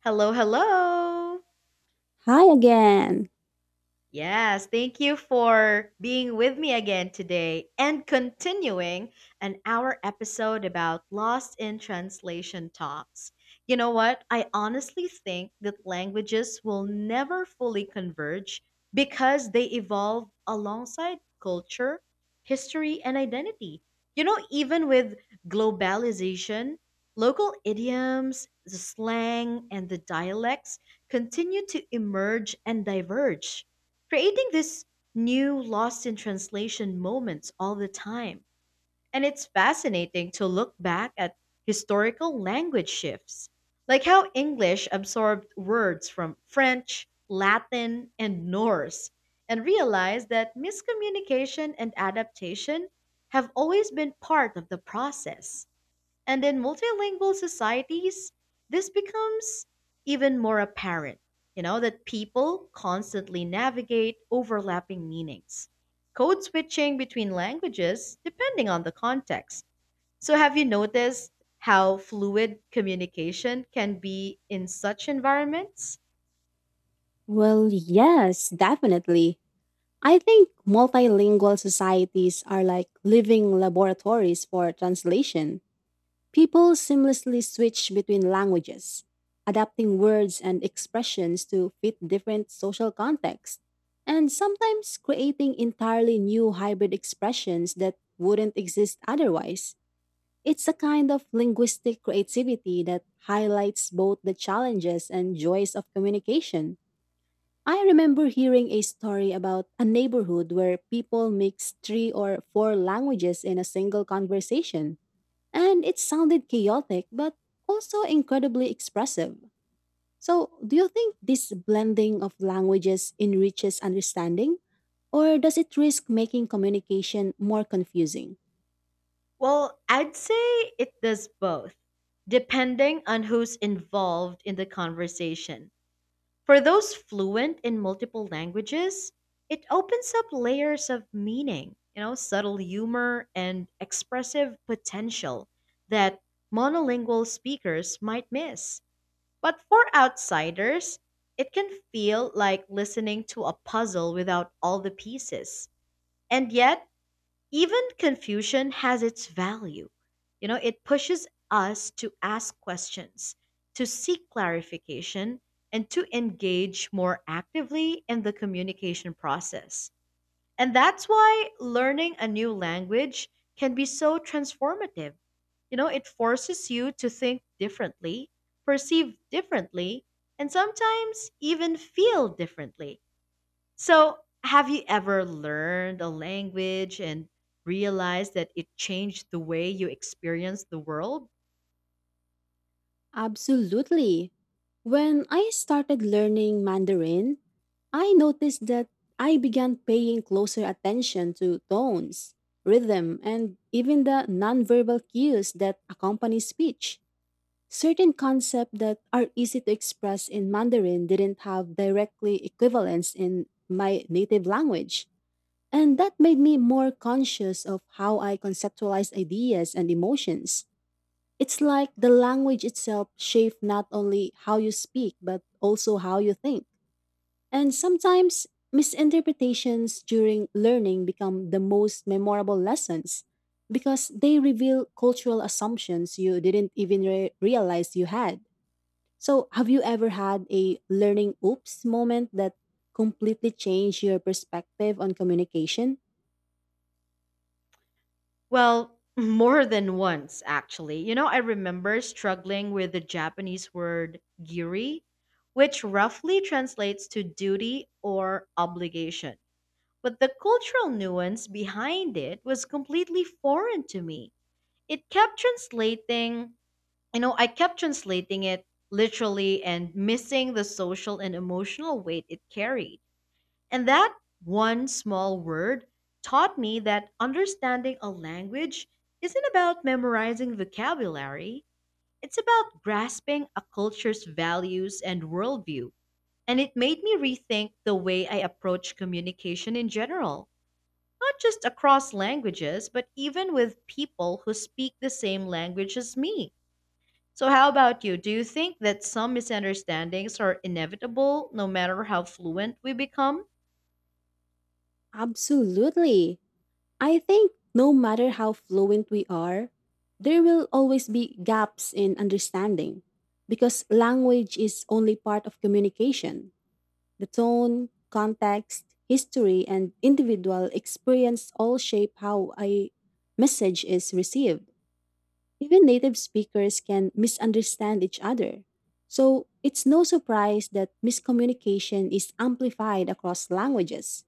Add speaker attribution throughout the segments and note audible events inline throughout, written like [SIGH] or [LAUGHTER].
Speaker 1: Hello, hello.
Speaker 2: Hi again.
Speaker 1: Yes, thank you for being with me again today and continuing an hour episode about Lost in Translation talks. You know what? I honestly think that languages will never fully converge because they evolve alongside culture, history, and identity. You know, even with globalization, local idioms, the slang, and the dialects continue to emerge and diverge creating this new lost in translation moments all the time. And it's fascinating to look back at historical language shifts, like how English absorbed words from French, Latin, and Norse, and realize that miscommunication and adaptation have always been part of the process. And in multilingual societies, this becomes even more apparent, that people constantly navigate overlapping meanings, code switching between languages depending on the context. So, have you noticed how fluid communication can be in such environments?
Speaker 2: Well, yes, definitely. I think multilingual societies are like living laboratories for translation. People seamlessly switch between languages, adapting words and expressions to fit different social contexts, and sometimes creating entirely new hybrid expressions that wouldn't exist otherwise. It's a kind of linguistic creativity that highlights both the challenges and joys of communication. I remember hearing a story about a neighborhood where people mixed three or four languages in a single conversation, and it sounded chaotic but also incredibly expressive. So, do you think this blending of languages enriches understanding, or does it risk making communication more confusing?
Speaker 1: Well, I'd say it does both, depending on who's involved in the conversation. For those fluent in multiple languages, it opens up layers of meaning, you know, subtle humor and expressive potential that monolingual speakers might miss. But for outsiders, it can feel like listening to a puzzle without all the pieces. And yet, even confusion has its value. You know, it pushes us to ask questions, to seek clarification, and to engage more actively in the communication process. And that's why learning a new language can be so transformative. You know, it forces you to think differently, perceive differently, and sometimes even feel differently. So, have you ever learned a language and realized that it changed the way you experience the world?
Speaker 2: Absolutely. When I started learning Mandarin, I noticed that I began paying closer attention to tones, rhythm, and even the nonverbal cues that accompany speech. Certain concepts that are easy to express in Mandarin didn't have directly equivalents in my native language, and that made me more conscious of how I conceptualize ideas and emotions. It's like the language itself shapes not only how you speak, but also how you think. And sometimes misinterpretations during learning become the most memorable lessons because they reveal cultural assumptions you didn't even realize you had. So, have you ever had a learning oops moment that completely changed your perspective on communication?
Speaker 1: Well, [LAUGHS] more than once, actually. You know, I remember struggling with the Japanese word giri, which roughly translates to duty or obligation. But the cultural nuance behind it was completely foreign to me. It kept translating you know, I kept translating it literally and missing the social and emotional weight it carried. And that one small word taught me that understanding a language isn't about memorizing vocabulary, it's about grasping a culture's values and worldview. And it made me rethink the way I approach communication in general, not just across languages, but even with people who speak the same language as me. So, how about you? Do you think that some misunderstandings are inevitable no matter how fluent we become?
Speaker 2: Absolutely. I think no matter how fluent we are, there will always be gaps in understanding because language is only part of communication. The tone, context, history, and individual experience all shape how a message is received. Even native speakers can misunderstand each other. So it's no surprise that miscommunication is amplified across languages.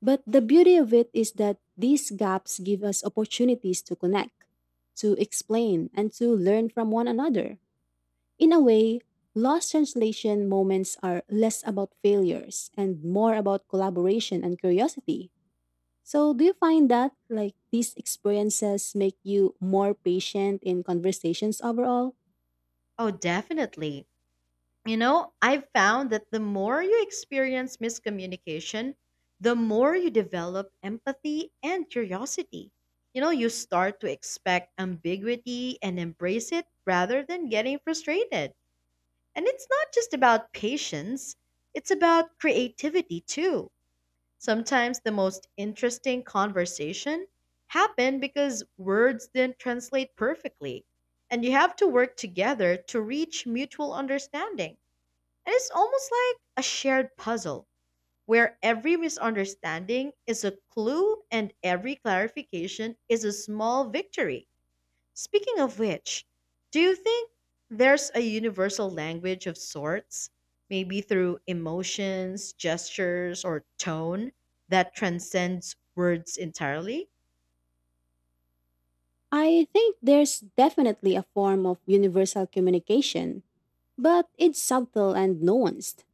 Speaker 2: But the beauty of it is that these gaps give us opportunities to connect, to explain, and to learn from one another. In a way, lost translation moments are less about failures and more about collaboration and curiosity. So, do you find that like these experiences make you more patient in conversations overall?
Speaker 1: Oh, definitely. You know, I've found that the more you experience miscommunication, the more you develop empathy and curiosity. You know, you start to expect ambiguity and embrace it rather than getting frustrated. And it's not just about patience, it's about creativity too. Sometimes the most interesting conversation happen because words didn't translate perfectly, and you have to work together to reach mutual understanding. And it's almost like a shared puzzle where every misunderstanding is a clue and every clarification is a small victory. Speaking of which, do you think there's a universal language of sorts, maybe through emotions, gestures, or tone that transcends words entirely?
Speaker 2: I think there's definitely a form of universal communication, but it's subtle and nuanced.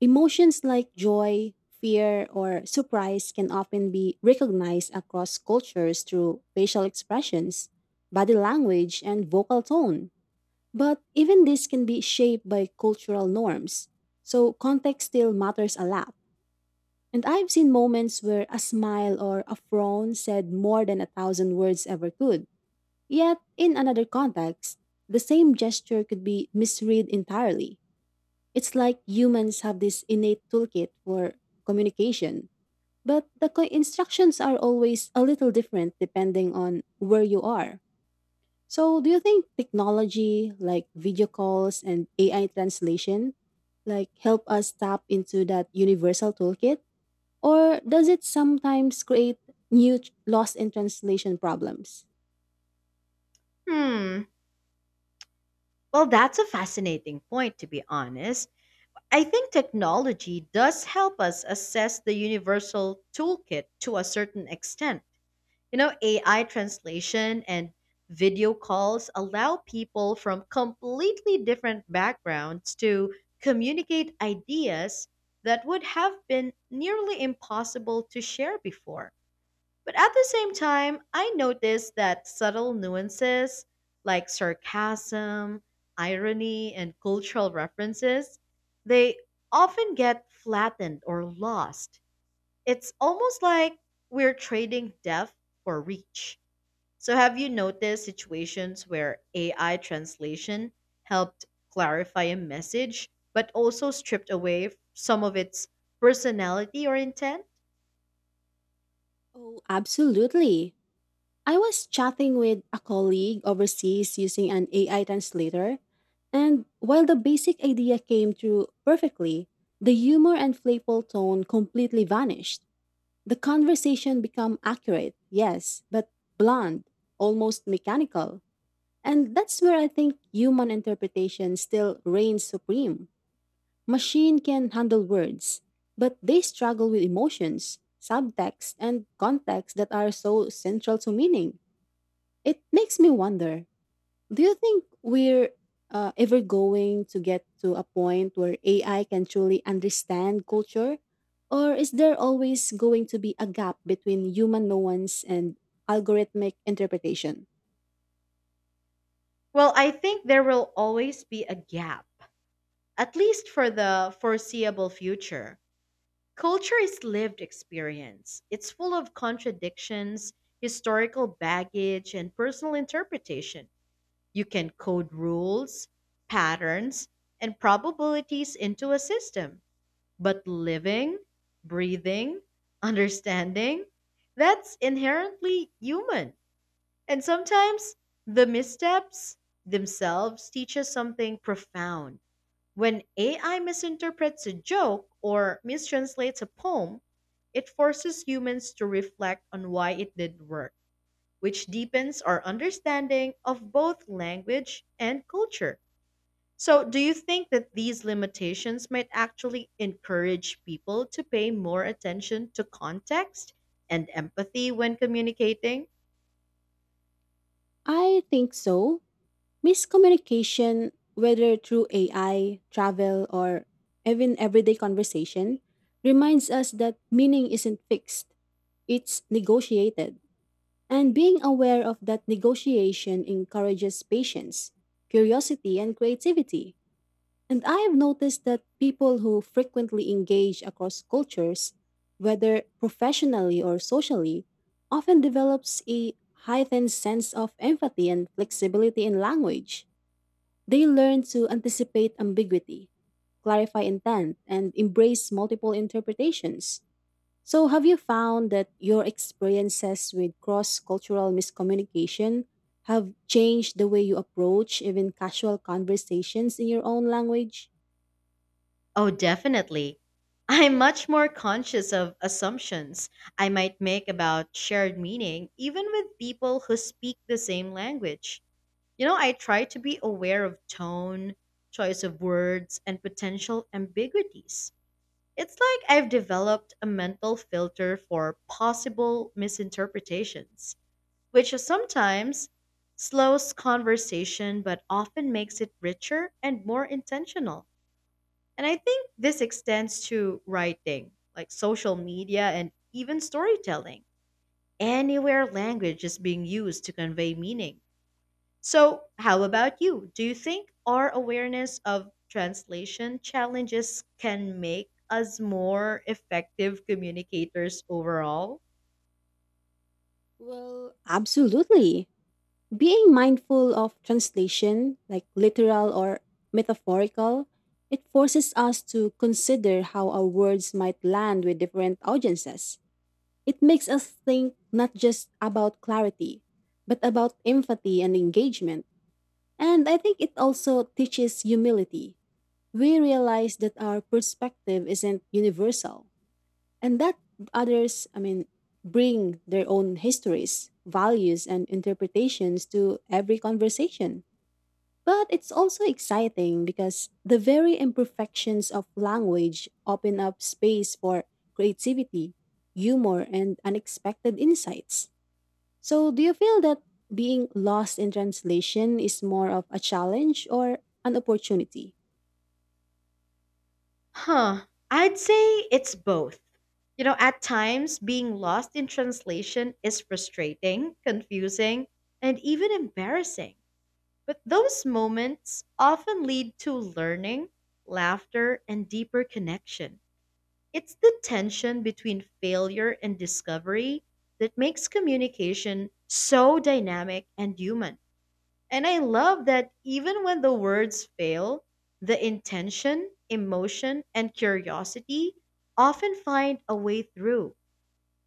Speaker 2: Emotions like joy, fear, or surprise can often be recognized across cultures through facial expressions, body language, and vocal tone. But even this can be shaped by cultural norms, so context still matters a lot. And I've seen moments where a smile or a frown said more than a thousand words ever could. Yet, in another context, the same gesture could be misread entirely. It's like humans have this innate toolkit for communication, but the instructions are always a little different depending on where you are. So, do you think technology like video calls and AI translation like help us tap into that universal toolkit, or does it sometimes create new lost in translation problems?
Speaker 1: Hmm. Well, that's a fascinating point, to be honest. I think technology does help us assess the universal toolkit to a certain extent. You know, AI translation and video calls allow people from completely different backgrounds to communicate ideas that would have been nearly impossible to share before. But at the same time, I noticed that subtle nuances like sarcasm, irony, and cultural references, they often get flattened or lost. It's almost like we're trading depth for reach. So, have you noticed situations where AI translation helped clarify a message, but also stripped away some of its personality or intent?
Speaker 2: Oh, absolutely. I was chatting with a colleague overseas using an AI translator, and while the basic idea came through perfectly, the humor and playful tone completely vanished. The conversation became accurate, yes, but blunt, almost mechanical. And that's where I think human interpretation still reigns supreme. Machine can handle words, but they struggle with emotions, subtext, and context that are so central to meaning. It makes me wonder, do you think we're ever going to get to a point where AI can truly understand culture? Or is there always going to be a gap between human nuance and algorithmic interpretation?
Speaker 1: Well, I think there will always be a gap, at least for the foreseeable future. Culture is lived experience, it's full of contradictions, historical baggage, and personal interpretation. You can code rules, patterns, and probabilities into a system. But living, breathing, understanding, that's inherently human. And sometimes the missteps themselves teach us something profound. When AI misinterprets a joke or mistranslates a poem, it forces humans to reflect on why it did work, which deepens our understanding of both language and culture. So, do you think that these limitations might actually encourage people to pay more attention to context and empathy when communicating?
Speaker 2: I think so. Miscommunication, whether through AI, travel, or even everyday conversation, reminds us that meaning isn't fixed, it's negotiated. And being aware of that negotiation encourages patience, curiosity, and creativity. And I have noticed that people who frequently engage across cultures, whether professionally or socially, often develops a heightened sense of empathy and flexibility in language. They learn to anticipate ambiguity, clarify intent, and embrace multiple interpretations. So, have you found that your experiences with cross cultural miscommunication have changed the way you approach even casual conversations in your own language?
Speaker 1: Oh, definitely. I'm much more conscious of assumptions I might make about shared meaning, even with people who speak the same language. You know, I try to be aware of tone, choice of words, and potential ambiguities. It's like I've developed a mental filter for possible misinterpretations, which sometimes slows conversation but often makes it richer and more intentional. And I think this extends to writing, like social media and even storytelling. Anywhere language is being used to convey meaning. So, how about you? Do you think our awareness of translation challenges can make us more effective communicators overall?
Speaker 2: Well, absolutely. Being mindful of translation, like literal or metaphorical, it forces us to consider how our words might land with different audiences. It makes us think not just about clarity, but about empathy and engagement. And I think it also teaches humility. We realize that our perspective isn't universal and that others, bring their own histories, values, and interpretations to every conversation. But it's also exciting because the very imperfections of language open up space for creativity, humor, and unexpected insights. So, do you feel that being lost in translation is more of a challenge or an opportunity?
Speaker 1: Huh. I'd say it's both. You know, at times, being lost in translation is frustrating, confusing, and even embarrassing. But those moments often lead to learning, laughter, and deeper connection. It's the tension between failure and discovery that makes communication so dynamic and human. And I love that even when the words fail, the intention, emotion, and curiosity often find a way through.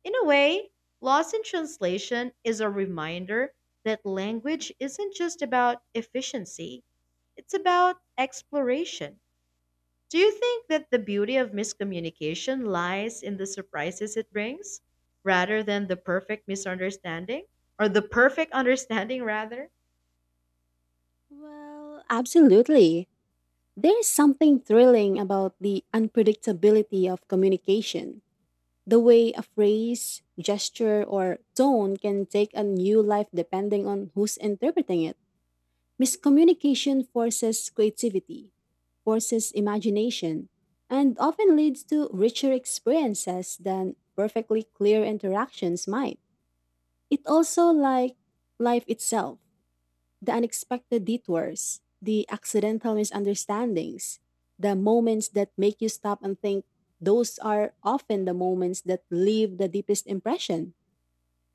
Speaker 1: In a way, Lost in Translation is a reminder that language isn't just about efficiency, it's about exploration. Do you think that the beauty of miscommunication lies in the surprises it brings rather than the perfect misunderstanding or the perfect understanding rather?
Speaker 2: Well, absolutely. There's something thrilling about the unpredictability of communication. The way a phrase, gesture, or tone can take a new life depending on who's interpreting it. Miscommunication forces creativity, forces imagination, and often leads to richer experiences than perfectly clear interactions might. It also like life itself, the unexpected detours, the accidental misunderstandings, the moments that make you stop and think, those are often the moments that leave the deepest impression.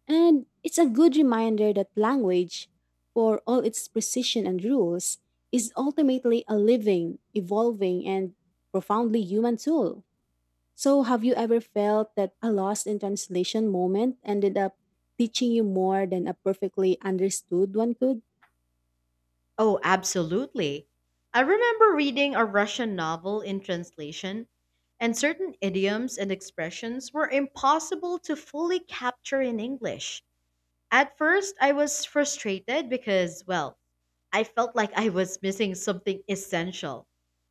Speaker 2: And it's a good reminder that language, for all its precision and rules, is ultimately a living, evolving, and profoundly human tool. So, have you ever felt that a lost in translation moment ended up teaching you more than a perfectly understood one could?
Speaker 1: Oh, absolutely. I remember reading a Russian novel in translation and certain idioms and expressions were impossible to fully capture in English. At first, I was frustrated because, well, I felt like I was missing something essential.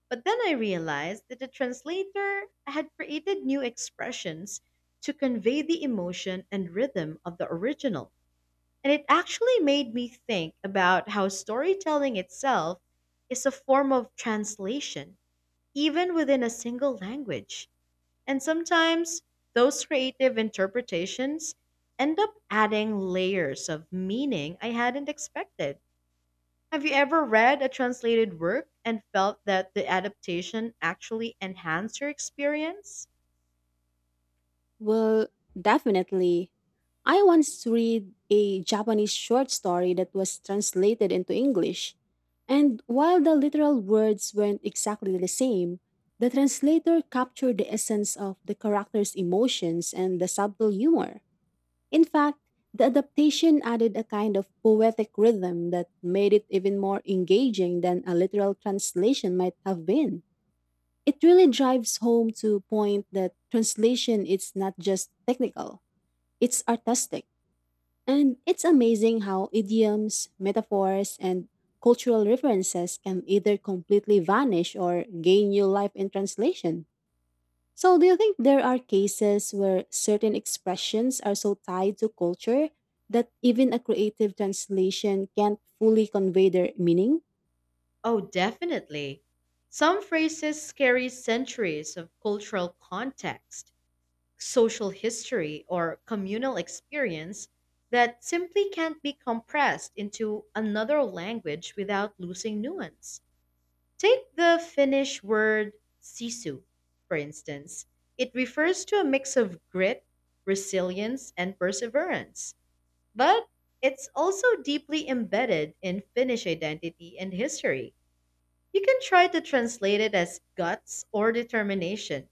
Speaker 1: But then I realized that the translator had created new expressions to convey the emotion and rhythm of the original. And it actually made me think about how storytelling itself is a form of translation, even within a single language. And sometimes those creative interpretations end up adding layers of meaning I hadn't expected. Have you ever read a translated work and felt that the adaptation actually enhanced your experience?
Speaker 2: Well, definitely. I once read a Japanese short story that was translated into English. And while the literal words weren't exactly the same, the translator captured the essence of the character's emotions and the subtle humor. In fact, the adaptation added a kind of poetic rhythm that made it even more engaging than a literal translation might have been. It really drives home to a point that translation is not just technical, it's artistic. And it's amazing how idioms, metaphors, and cultural references can either completely vanish or gain new life in translation. So, do you think there are cases where certain expressions are so tied to culture that even a creative translation can't fully convey their meaning?
Speaker 1: Oh, definitely. Some phrases carry centuries of cultural context, social history, or communal experience that simply can't be compressed into another language without losing nuance. Take the Finnish word sisu, for instance. It refers to a mix of grit, resilience, and perseverance, but it's also deeply embedded in Finnish identity and history. You can try to translate it as guts or determination,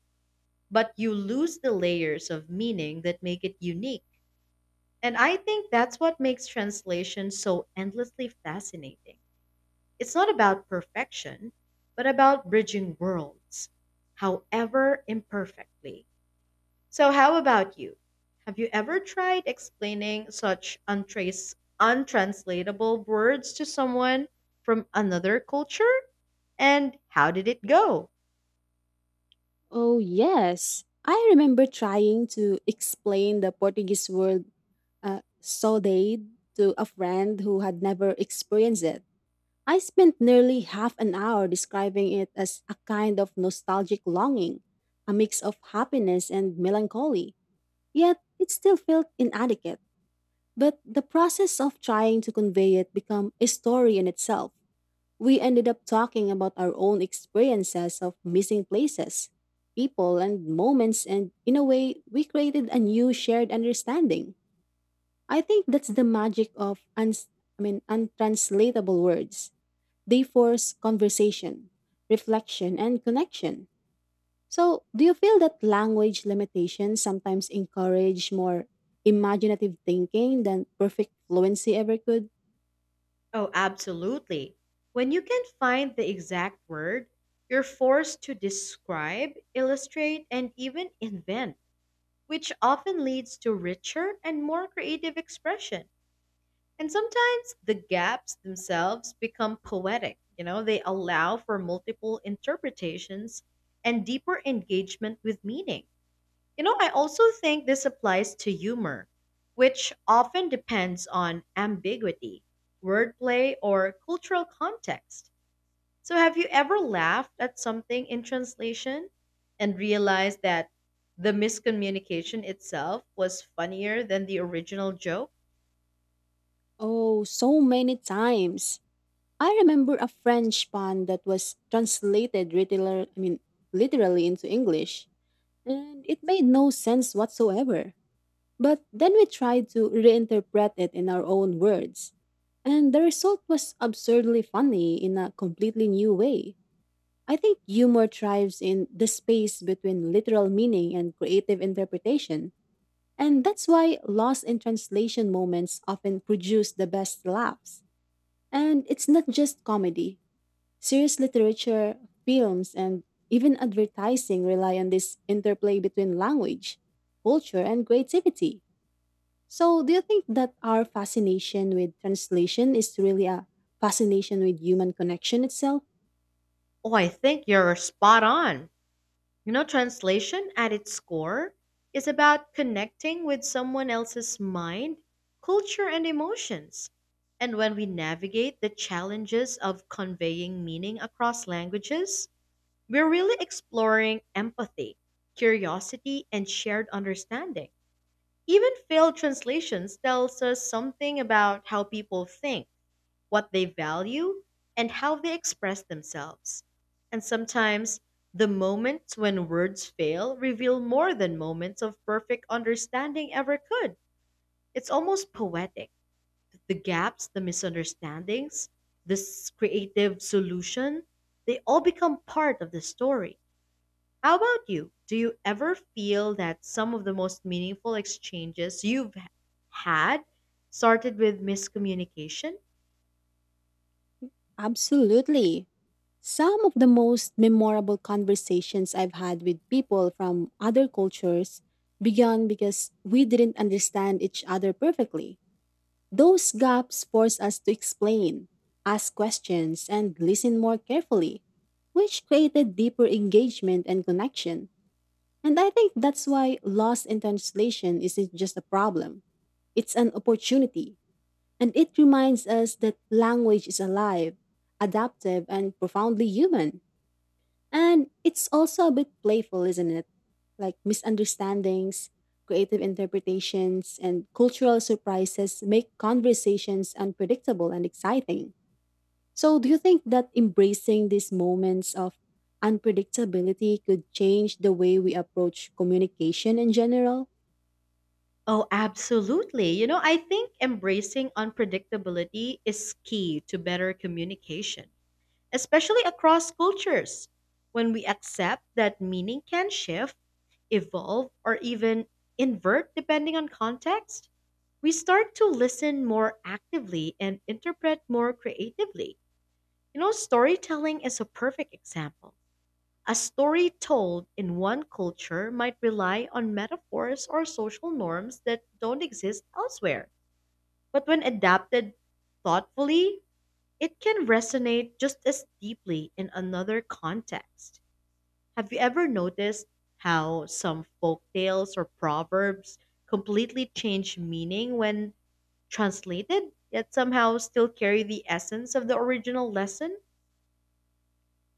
Speaker 1: but you lose the layers of meaning that make it unique. And I think that's what makes translation so endlessly fascinating. It's not about perfection, but about bridging worlds, however imperfectly. So, how about you? Have you ever tried explaining such untranslatable words to someone from another culture? And how did it go?
Speaker 2: Oh, yes. I remember trying to explain the Portuguese word so they to a friend who had never experienced it. I spent nearly half an hour describing it as a kind of nostalgic longing, a mix of happiness and melancholy. Yet it still felt inadequate. But the process of trying to convey it became a story in itself. We ended up talking about our own experiences of missing places, people, and moments, and in a way, we created a new shared understanding. I think that's the magic of untranslatable words. They force conversation, reflection, and connection. So, do you feel that language limitations sometimes encourage more imaginative thinking than perfect fluency ever could?
Speaker 1: Oh, absolutely. When you can find the exact word, you're forced to describe, illustrate, and even invent, which often leads to richer and more creative expression. And sometimes the gaps themselves become poetic. You know, they allow for multiple interpretations and deeper engagement with meaning. You know, I also think this applies to humor, which often depends on ambiguity, wordplay, or cultural context. So, have you ever laughed at something in translation and realized that the miscommunication itself was funnier than the original joke?
Speaker 2: Oh, so many times. I remember a French pun that was translated literally into English, and it made no sense whatsoever. But then we tried to reinterpret it in our own words. And the result was absurdly funny in a completely new way. I think humor thrives in the space between literal meaning and creative interpretation. And that's why lost in translation moments often produce the best laughs. And it's not just comedy. Serious literature, films, and even advertising rely on this interplay between language, culture, and creativity. So, do you think that our fascination with translation is really a fascination with human connection itself?
Speaker 1: Oh, I think you're spot on. You know, translation at its core is about connecting with someone else's mind, culture, and emotions. And when we navigate the challenges of conveying meaning across languages, we're really exploring empathy, curiosity, and shared understanding. Even failed translations tells us something about how people think, what they value, and how they express themselves. And sometimes the moments when words fail reveal more than moments of perfect understanding ever could. It's almost poetic. The gaps, the misunderstandings, this creative solution, they all become part of the story. How about you? Do you ever feel that some of the most meaningful exchanges you've had started with miscommunication?
Speaker 2: Absolutely. Some of the most memorable conversations I've had with people from other cultures began because we didn't understand each other perfectly. Those gaps force us to explain, ask questions, and listen more carefully, which created deeper engagement and connection. And I think that's why loss in translation isn't just a problem. It's an opportunity. And it reminds us that language is alive, adaptive, and profoundly human. And it's also a bit playful, isn't it? Like misunderstandings, creative interpretations, and cultural surprises make conversations unpredictable and exciting. So, do you think that embracing these moments of unpredictability could change the way we approach communication in general?
Speaker 1: Oh, absolutely. You know, I think embracing unpredictability is key to better communication, especially across cultures. When we accept that meaning can shift, evolve, or even invert depending on context, we start to listen more actively and interpret more creatively. You know, storytelling is a perfect example. A story told in one culture might rely on metaphors or social norms that don't exist elsewhere, but when adapted thoughtfully, it can resonate just as deeply in another context. Have you ever noticed how some folk tales or proverbs completely change meaning when translated, yet somehow still carry the essence of the original lesson?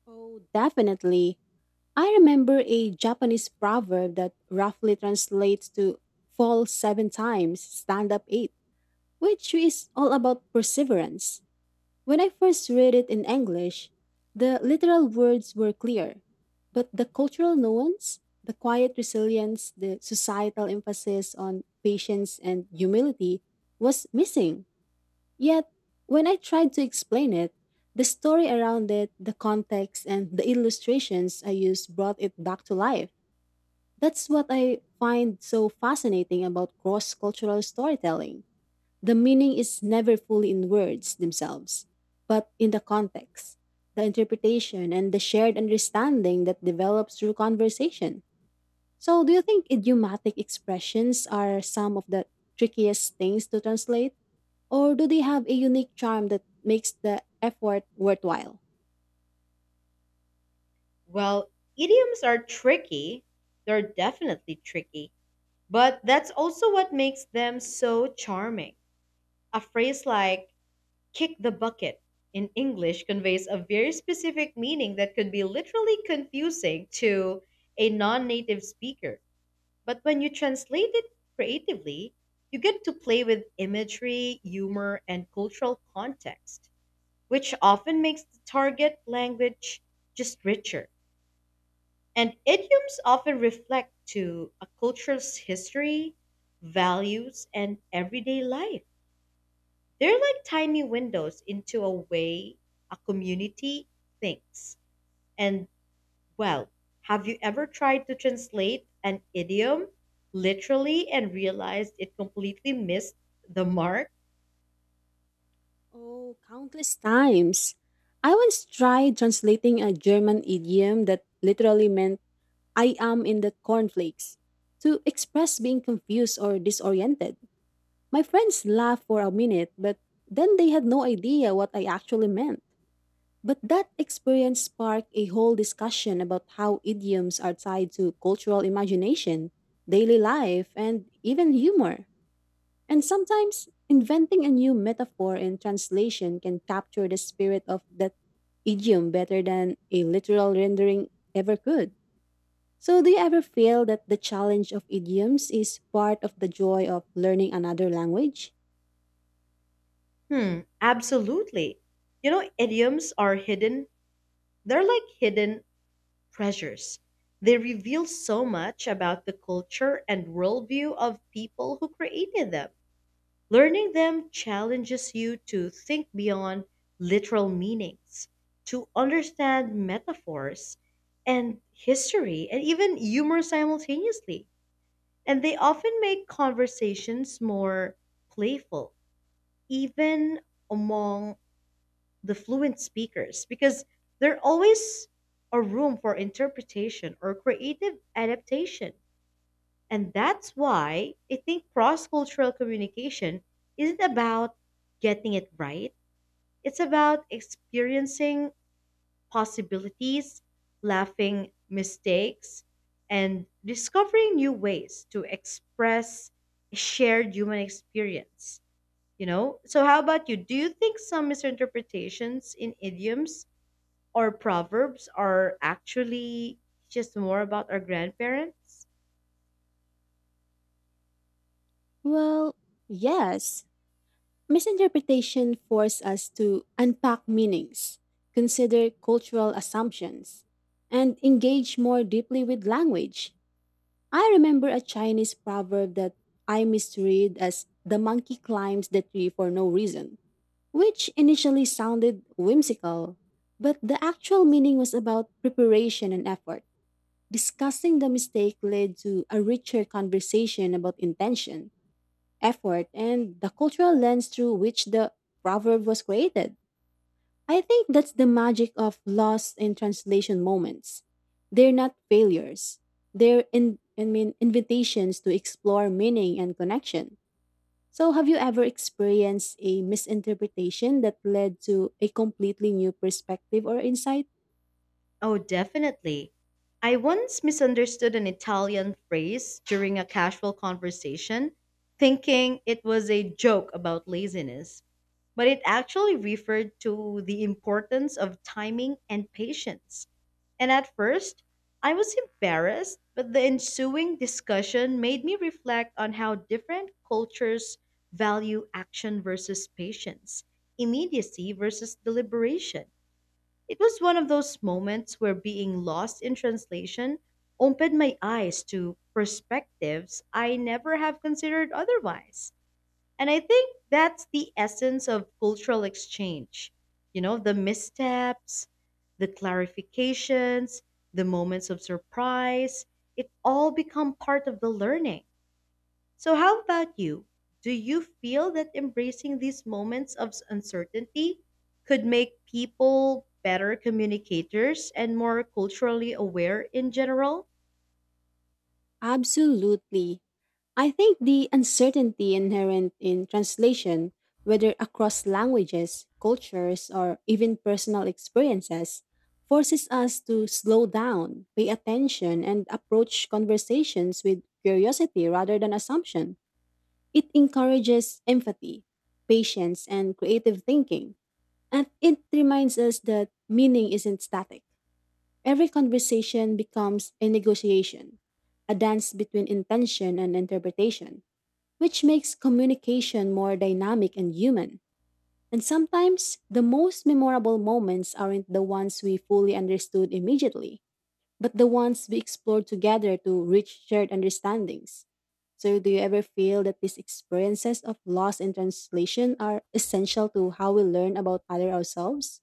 Speaker 2: Oh, definitely. I remember a Japanese proverb that roughly translates to fall seven times, stand up eight, which is all about perseverance. When I first read it in English, the literal words were clear, but the cultural nuance, the quiet resilience, the societal emphasis on patience and humility was missing. Yet, when I tried to explain it, the story around it, the context, and the illustrations I used brought it back to life. That's what I find so fascinating about cross cultural storytelling. The meaning is never fully in words themselves, but in the context, the interpretation, and the shared understanding that develops through conversation. So, do you think idiomatic expressions are some of the trickiest things to translate? Or do they have a unique charm that makes the effort worthwhile?
Speaker 1: Well, idioms are tricky. They're definitely tricky. But that's also what makes them so charming. A phrase like kick the bucket in English conveys a very specific meaning that could be literally confusing to a non native speaker. But when you translate it creatively, you get to play with imagery, humor, and cultural context, which often makes the target language just richer. And idioms often reflect to a culture's history, values, and everyday life. They're like tiny windows into a way a community thinks. And well, have you ever tried to translate an idiom literally and realized it completely missed the mark?
Speaker 2: Oh, countless times. I once tried translating a German idiom that literally meant I am in the cornflakes to express being confused or disoriented. My friends laughed for a minute, but then they had no idea what I actually meant. But that experience sparked a whole discussion about how idioms are tied to cultural imagination, daily life, and even humor. And sometimes inventing a new metaphor and translation can capture the spirit of that idiom better than a literal rendering ever could. So, do you ever feel that the challenge of idioms is part of the joy of learning another language?
Speaker 1: Hmm, absolutely. Idioms are they're like hidden treasures. They reveal so much about the culture and worldview of people who created them. Learning them challenges you to think beyond literal meanings, to understand metaphors and history and even humor simultaneously. And they often make conversations more playful, even among the fluent speakers, because there's always a room for interpretation or creative adaptation. And that's why I think cross cultural communication isn't about getting it right. It's about experiencing possibilities, laughing mistakes, and discovering new ways to express a shared human experience. You know? So, how about you? Do you think some misinterpretations in idioms or proverbs are actually just more about our grandparents?
Speaker 2: Well, yes. Misinterpretation forces us to unpack meanings, consider cultural assumptions, and engage more deeply with language. I remember a Chinese proverb that I misread as the monkey climbs the tree for no reason, which initially sounded whimsical, but the actual meaning was about preparation and effort. Discussing the mistake led to a richer conversation about intention, effort, and the cultural lens through which the proverb was created. I think that's the magic of lost in translation moments. They're not failures. They're invitations to explore meaning and connection. So, have you ever experienced a misinterpretation that led to a completely new perspective or insight?
Speaker 1: Oh, definitely. I once misunderstood an Italian phrase during a casual conversation, thinking it was a joke about laziness, but it actually referred to the importance of timing and patience. And at first, I was embarrassed, but the ensuing discussion made me reflect on how different cultures value action versus patience, immediacy versus deliberation. It was one of those moments where being lost in translation opened my eyes to perspectives I never have considered otherwise. And I think that's the essence of cultural exchange. You know, the missteps, the clarifications, the moments of surprise, it all become part of the learning. So, how about you? Do you feel that embracing these moments of uncertainty could make people better communicators and more culturally aware in general?
Speaker 2: Absolutely. I think the uncertainty inherent in translation, whether across languages, cultures, or even personal experiences, forces us to slow down, pay attention, and approach conversations with curiosity rather than assumption. It encourages empathy, patience, and creative thinking. And it reminds us that meaning isn't static. Every conversation becomes a negotiation, a dance between intention and interpretation which makes communication more dynamic and human. And sometimes, the most memorable moments aren't the ones we fully understood immediately, but the ones we explored together to reach shared understandings. So, do you ever feel that these experiences of loss in translation are essential to how we learn about other ourselves?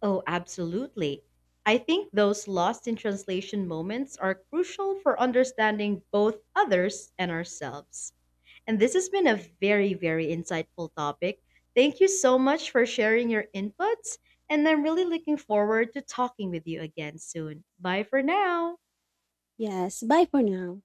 Speaker 1: Oh, absolutely. I think those lost in translation moments are crucial for understanding both others and ourselves. And this has been a very, very insightful topic. Thank you so much for sharing your inputs. And I'm really looking forward to talking with you again soon. Bye for now.
Speaker 2: Yes, bye for now.